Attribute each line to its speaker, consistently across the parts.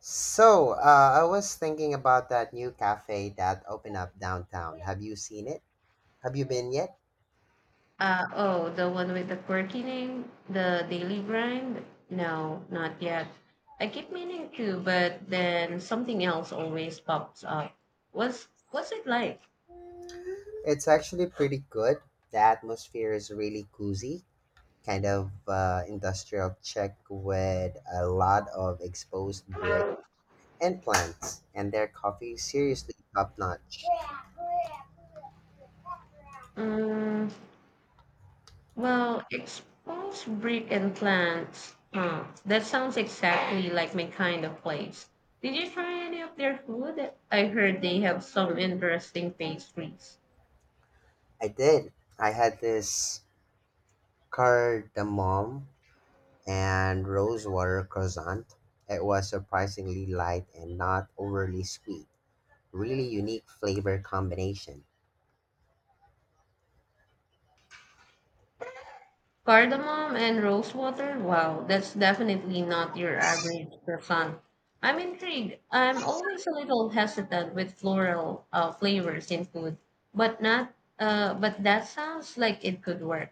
Speaker 1: So I was thinking about that new cafe that opened up downtown. Have you seen it? Have you been yet?
Speaker 2: Oh, the one with the quirky name, the Daily Grind? No, not yet. I keep meaning to, but then something else always pops up. What's it like?
Speaker 1: It's actually pretty good. The atmosphere is really cozy, kind of industrial check with a lot of exposed brick and plants, and their coffee is seriously top notch.
Speaker 2: Mm, well, expose brick and plants. Huh. That sounds exactly like my kind of place. Did you try any of their food? I heard they have some interesting pastries.
Speaker 1: I did. I had this cardamom and rosewater croissant. It was surprisingly light and not overly sweet. Really unique flavor combination.
Speaker 2: Cardamom and rose water? Wow, that's definitely not your average croissant. I'm intrigued. I'm always a little hesitant with floral flavors in food, but not. But that sounds like it could work.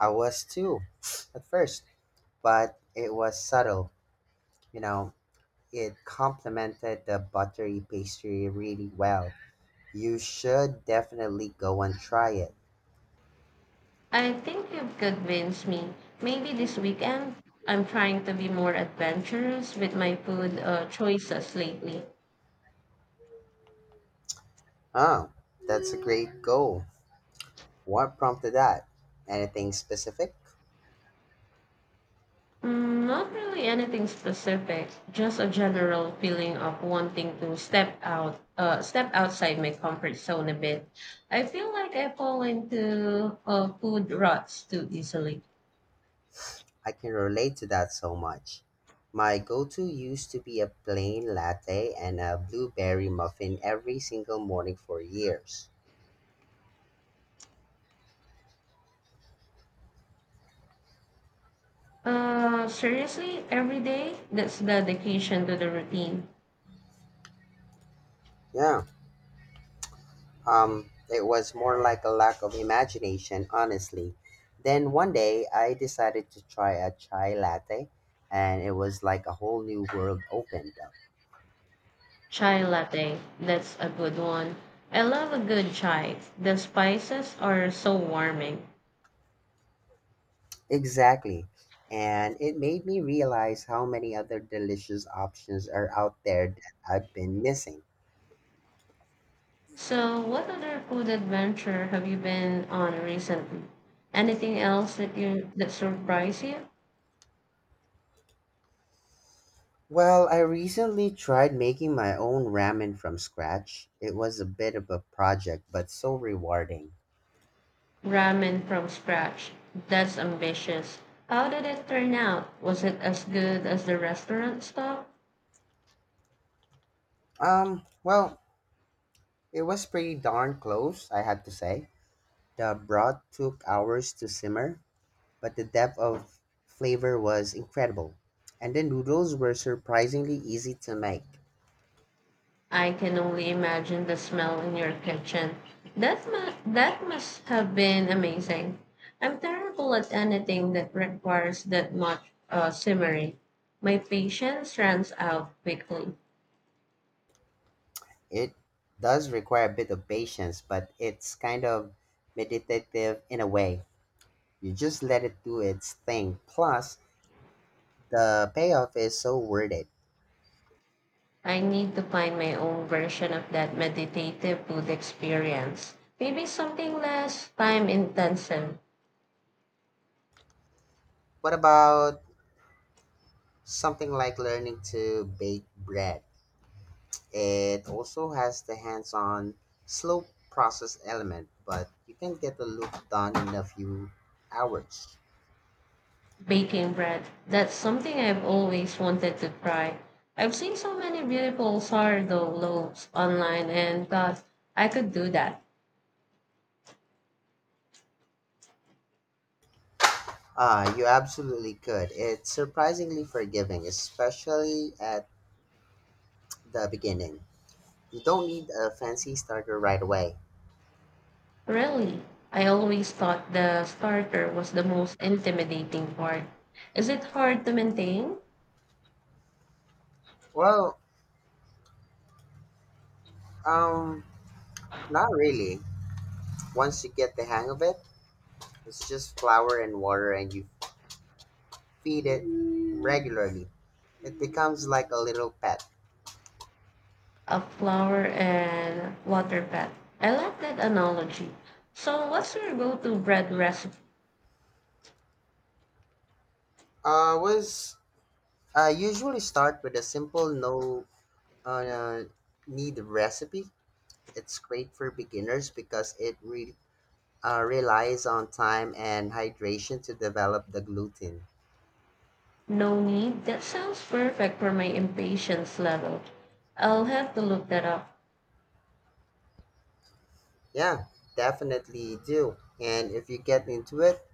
Speaker 1: I was too at first, but it was subtle. You know, it complemented the buttery pastry really well. You should definitely go and try it.
Speaker 2: I think you've convinced me. Maybe this weekend, I'm trying to be more adventurous with my food choices lately.
Speaker 1: Oh, that's a great goal. What prompted that? Anything specific?
Speaker 2: Mm, not really anything specific, just a general feeling of wanting to step out, step outside my comfort zone a bit. I feel like I fall into food ruts too easily.
Speaker 1: I can relate to that so much. My go to used to be a plain latte and a blueberry muffin every single morning for years.
Speaker 2: Seriously, every day, that's dedication to the routine.
Speaker 1: Yeah, it was more like a lack of imagination, honestly. Then one day I decided to try a chai latte, and it was like a whole new world opened up.
Speaker 2: Chai latte, that's a good one. I love a good chai. The spices are so warming.
Speaker 1: Exactly. And it made me realize how many other delicious options are out there that I've been missing.
Speaker 2: So, what other food adventure have you been on recently? Anything else that surprised you?
Speaker 1: Well, I recently tried making my own ramen from scratch. It was a bit of a project, but so rewarding.
Speaker 2: Ramen from scratch. That's ambitious. How did it turn out? Was it as good as the restaurant stuff?
Speaker 1: Well, it was pretty darn close, I have to say. The broth took hours to simmer, but the depth of flavor was incredible. And the noodles were surprisingly easy to make.
Speaker 2: I can only imagine the smell in your kitchen. That must have been amazing. I'm terrible at anything that requires that much simmering. My patience runs out quickly.
Speaker 1: It does require a bit of patience, but it's kind of meditative in a way. You just let it do its thing. Plus, the payoff is so worth it.
Speaker 2: I need to find my own version of that meditative food experience. Maybe something less time intensive.
Speaker 1: What about something like learning to bake bread? It also has the hands on, slow process element, but you can get the look done in a few hours.
Speaker 2: Baking bread. That's something I've always wanted to try. I've seen so many beautiful sourdough loaves online and thought I could do that.
Speaker 1: Ah, you absolutely could. It's surprisingly forgiving, especially at the beginning. You don't need a fancy starter right away.
Speaker 2: Really, I always thought the starter was the most intimidating part. Is it hard to maintain?
Speaker 1: Well, um, not really. Once you get the hang of it, it's just flour and water and you feed it regularly. It becomes like a little pet.
Speaker 2: A flower and water pet. I like that analogy. So, what's your go to bread recipe?
Speaker 1: I was I usually start with a simple no uh, need recipe. It's great for beginners because it relies on time and hydration to develop the gluten.
Speaker 2: No need. That sounds perfect for my impatience level. I'll have to look that up.
Speaker 1: Yeah, definitely do. And if you get into it,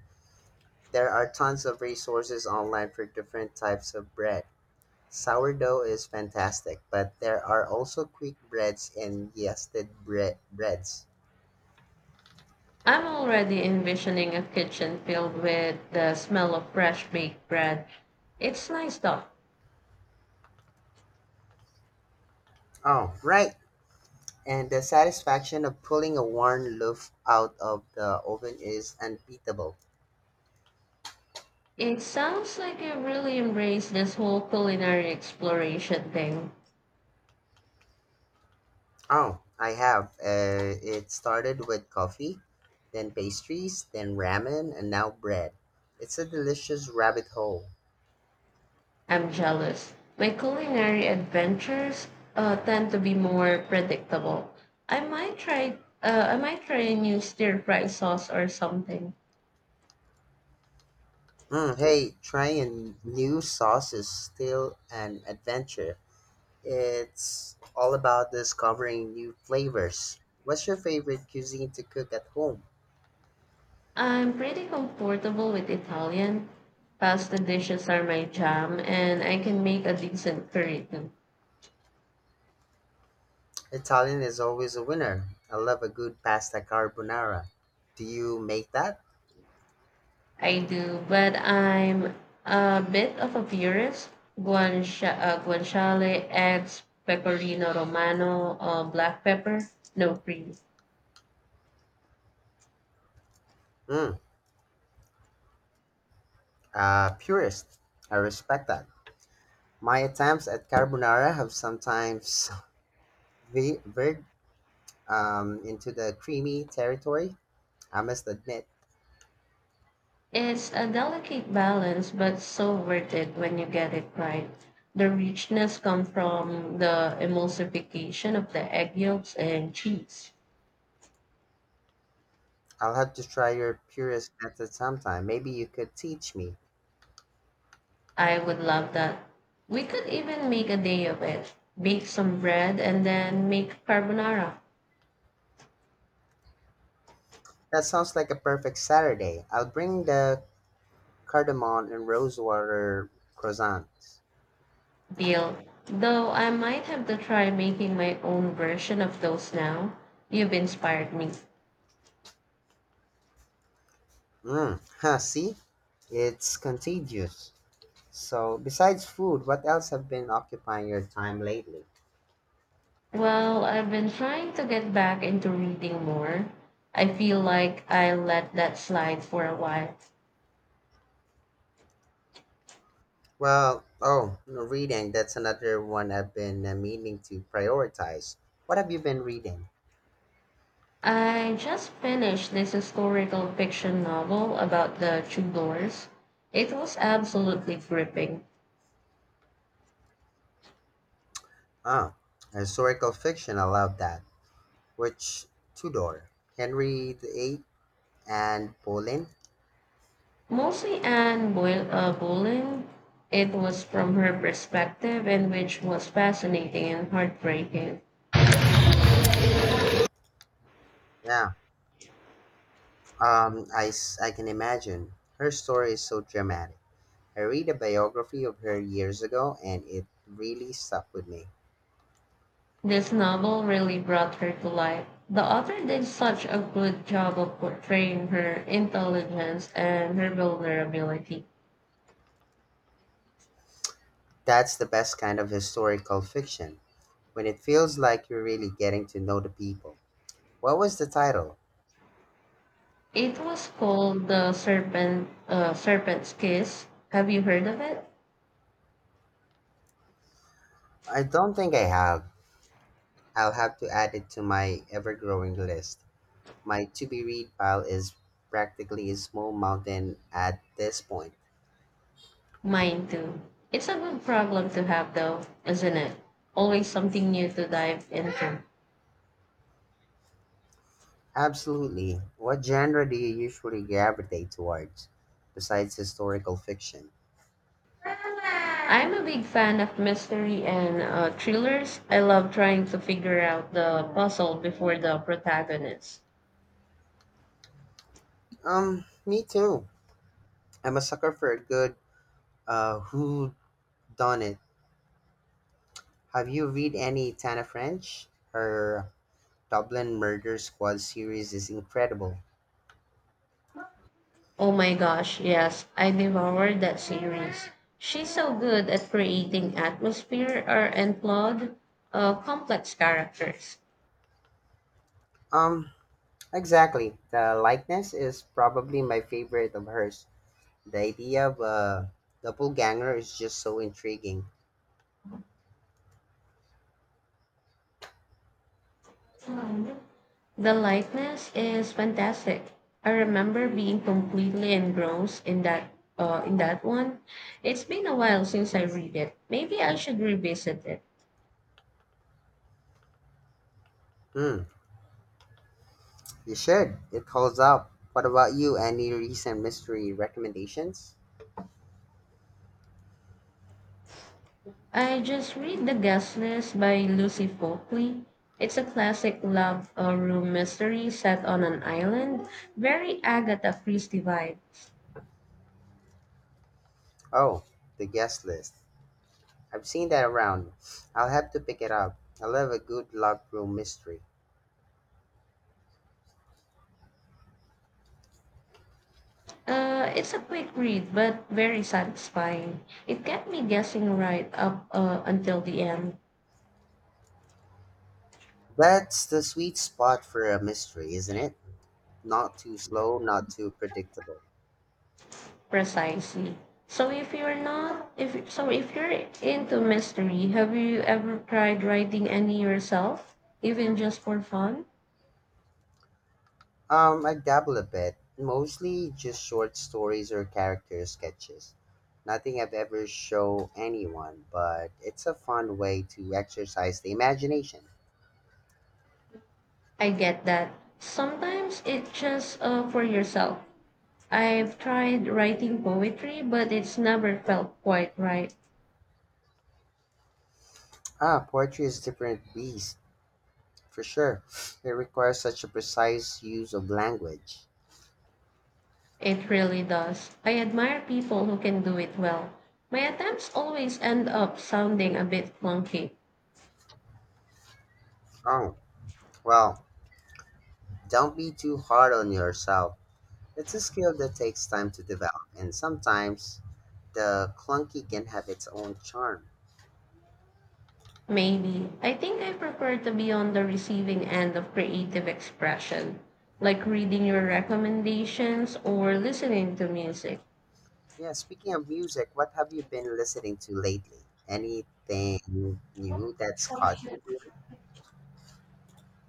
Speaker 1: there are tons of resources online for different types of bread. Sourdough is fantastic, but there are also quick breads and yeasted breads.
Speaker 2: I'm already envisioning a kitchen filled with the smell of fresh baked bread. It's nice though.
Speaker 1: Oh, right. And the satisfaction of pulling a warm loaf out of the oven is unbeatable.
Speaker 2: It sounds like you really embrace this whole culinary exploration thing.
Speaker 1: Oh, I have. It started with coffee, then pastries, then ramen, and now bread. It's a delicious rabbit hole.
Speaker 2: I'm jealous. My culinary adventures tend to be more predictable. I might try a new stir fry sauce or something.
Speaker 1: Mm, hey, trying new sauce is still an adventure. It's all about discovering new flavors. What's your favorite cuisine to cook at home?
Speaker 2: I'm pretty comfortable with Italian. Pasta dishes are my jam, and I can make a decent curry too.
Speaker 1: Italian is always a winner. I love a good pasta carbonara. Do you make that?
Speaker 2: I do, but I'm a bit of a purist. Guanciale, eggs, pecorino romano, black pepper, no cream.
Speaker 1: Mm, purist. I respect that. My attempts at carbonara have sometimes veered into the creamy territory, I must admit.
Speaker 2: It's a delicate balance, but so worth it when you get it right. The richness comes from the emulsification of the egg yolks and cheese.
Speaker 1: I'll have to try your purist method sometime. Maybe you could teach me.
Speaker 2: I would love that. We could even make a day of it. Bake some bread and then make carbonara.
Speaker 1: That sounds like a perfect Saturday. I'll bring the cardamom and rosewater croissants.
Speaker 2: Deal. Though I might have to try making my own version of those now. You've inspired me.
Speaker 1: Mmm, huh, see? It's contagious. So, besides food, what else have been occupying your time lately?
Speaker 2: Well, I've been trying to get back into reading more. I feel like I let that slide for a while.
Speaker 1: Well, oh, no, reading. That's another one I've been meaning to prioritize. What have you been reading?
Speaker 2: I just finished this historical fiction novel about the Tudors. It was absolutely gripping.
Speaker 1: Ah, historical fiction. I love that. Which Tudor? Henry the Eighth. And Pauline?
Speaker 2: Mostly Boleyn. It was from her perspective, and which was fascinating and heartbreaking.
Speaker 1: Yeah, I can imagine. Her story is so dramatic. I read a biography of her years ago and it really stuck with me.
Speaker 2: This novel really brought her to life. The author did such a good job of portraying her intelligence and her vulnerability.
Speaker 1: That's the best kind of historical fiction, when it feels like you're really getting to know the people. What was the title?
Speaker 2: It was called The Serpent's Kiss. Have you heard of it?
Speaker 1: I don't think I have. I'll have to add it to my ever growing list. My to be read pile is practically a small mountain at this point.
Speaker 2: Mine too. It's a good problem to have though, isn't it? Always something new to dive into.
Speaker 1: Absolutely. What genre do you usually gravitate towards besides historical fiction?
Speaker 2: I'm a big fan of mystery and thrillers. I love trying to figure out the puzzle before the protagonist.
Speaker 1: Me too. I'm a sucker for a good who done it. Have you read any Tana French? Her Dublin Murder Squad series is incredible.
Speaker 2: Oh my gosh, yes, I devoured that series. She's so good at creating atmosphere or and plot, complex characters.
Speaker 1: Um, exactly. The likeness is probably my favorite of hers. The idea of a doppelganger is just so intriguing.
Speaker 2: The likeness is fantastic. I remember being completely engrossed in that one. It's been a while since I read it. Maybe I should revisit it.
Speaker 1: Hmm. You should. It holds up. What about you? Any recent mystery recommendations?
Speaker 2: I just read The Guest List by Lucy Folkley. It's a classic love room mystery set on an island, very Agatha Christie vibes.
Speaker 1: Oh, the guest list. I've seen that around. I'll have to pick it up. I love a good locked room mystery.
Speaker 2: It's a quick read, but very satisfying. It kept me guessing right up until the end,
Speaker 1: That's the sweet spot for a mystery, isn't it? Not too slow, not too predictable.
Speaker 2: precisely. So if you're into mystery, have you ever tried writing any yourself, even just for fun?
Speaker 1: I dabble a bit. Mostly just short stories or character sketches. Nothing I've ever show anyone, but it's a fun way to exercise the imagination.
Speaker 2: I get that. Sometimes it's just for yourself. I've tried writing poetry, but it's never felt quite right.
Speaker 1: Ah, poetry is a different beast, for sure. It requires such a precise use of language.
Speaker 2: It really does. I admire people who can do it well. My attempts always end up sounding a bit clunky.
Speaker 1: Oh, well, don't be too hard on yourself. It's a skill that takes time to develop, and sometimes the clunky can have its own charm.
Speaker 2: Maybe. I think I prefer to be on the receiving end of creative expression, like reading your recommendations or listening to music.
Speaker 1: Yeah, speaking of music, what have you been listening to lately? Anything new that's caught your ear?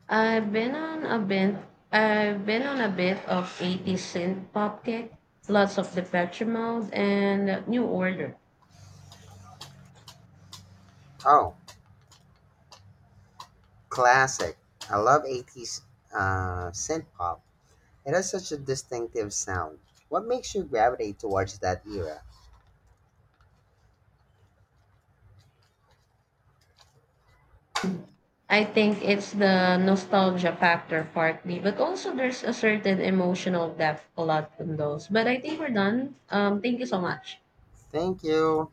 Speaker 2: I've been on a bit. I've been on a bit of 80s synth pop kick, lots of Depeche Mode and New Order.
Speaker 1: Oh, classic. I love 80s synth pop. It has such a distinctive sound. What makes you gravitate towards that era?
Speaker 2: I think it's the nostalgia factor partly, but also there's a certain emotional depth a lot in those. But I think we're done. Thank you so much.
Speaker 1: Thank you.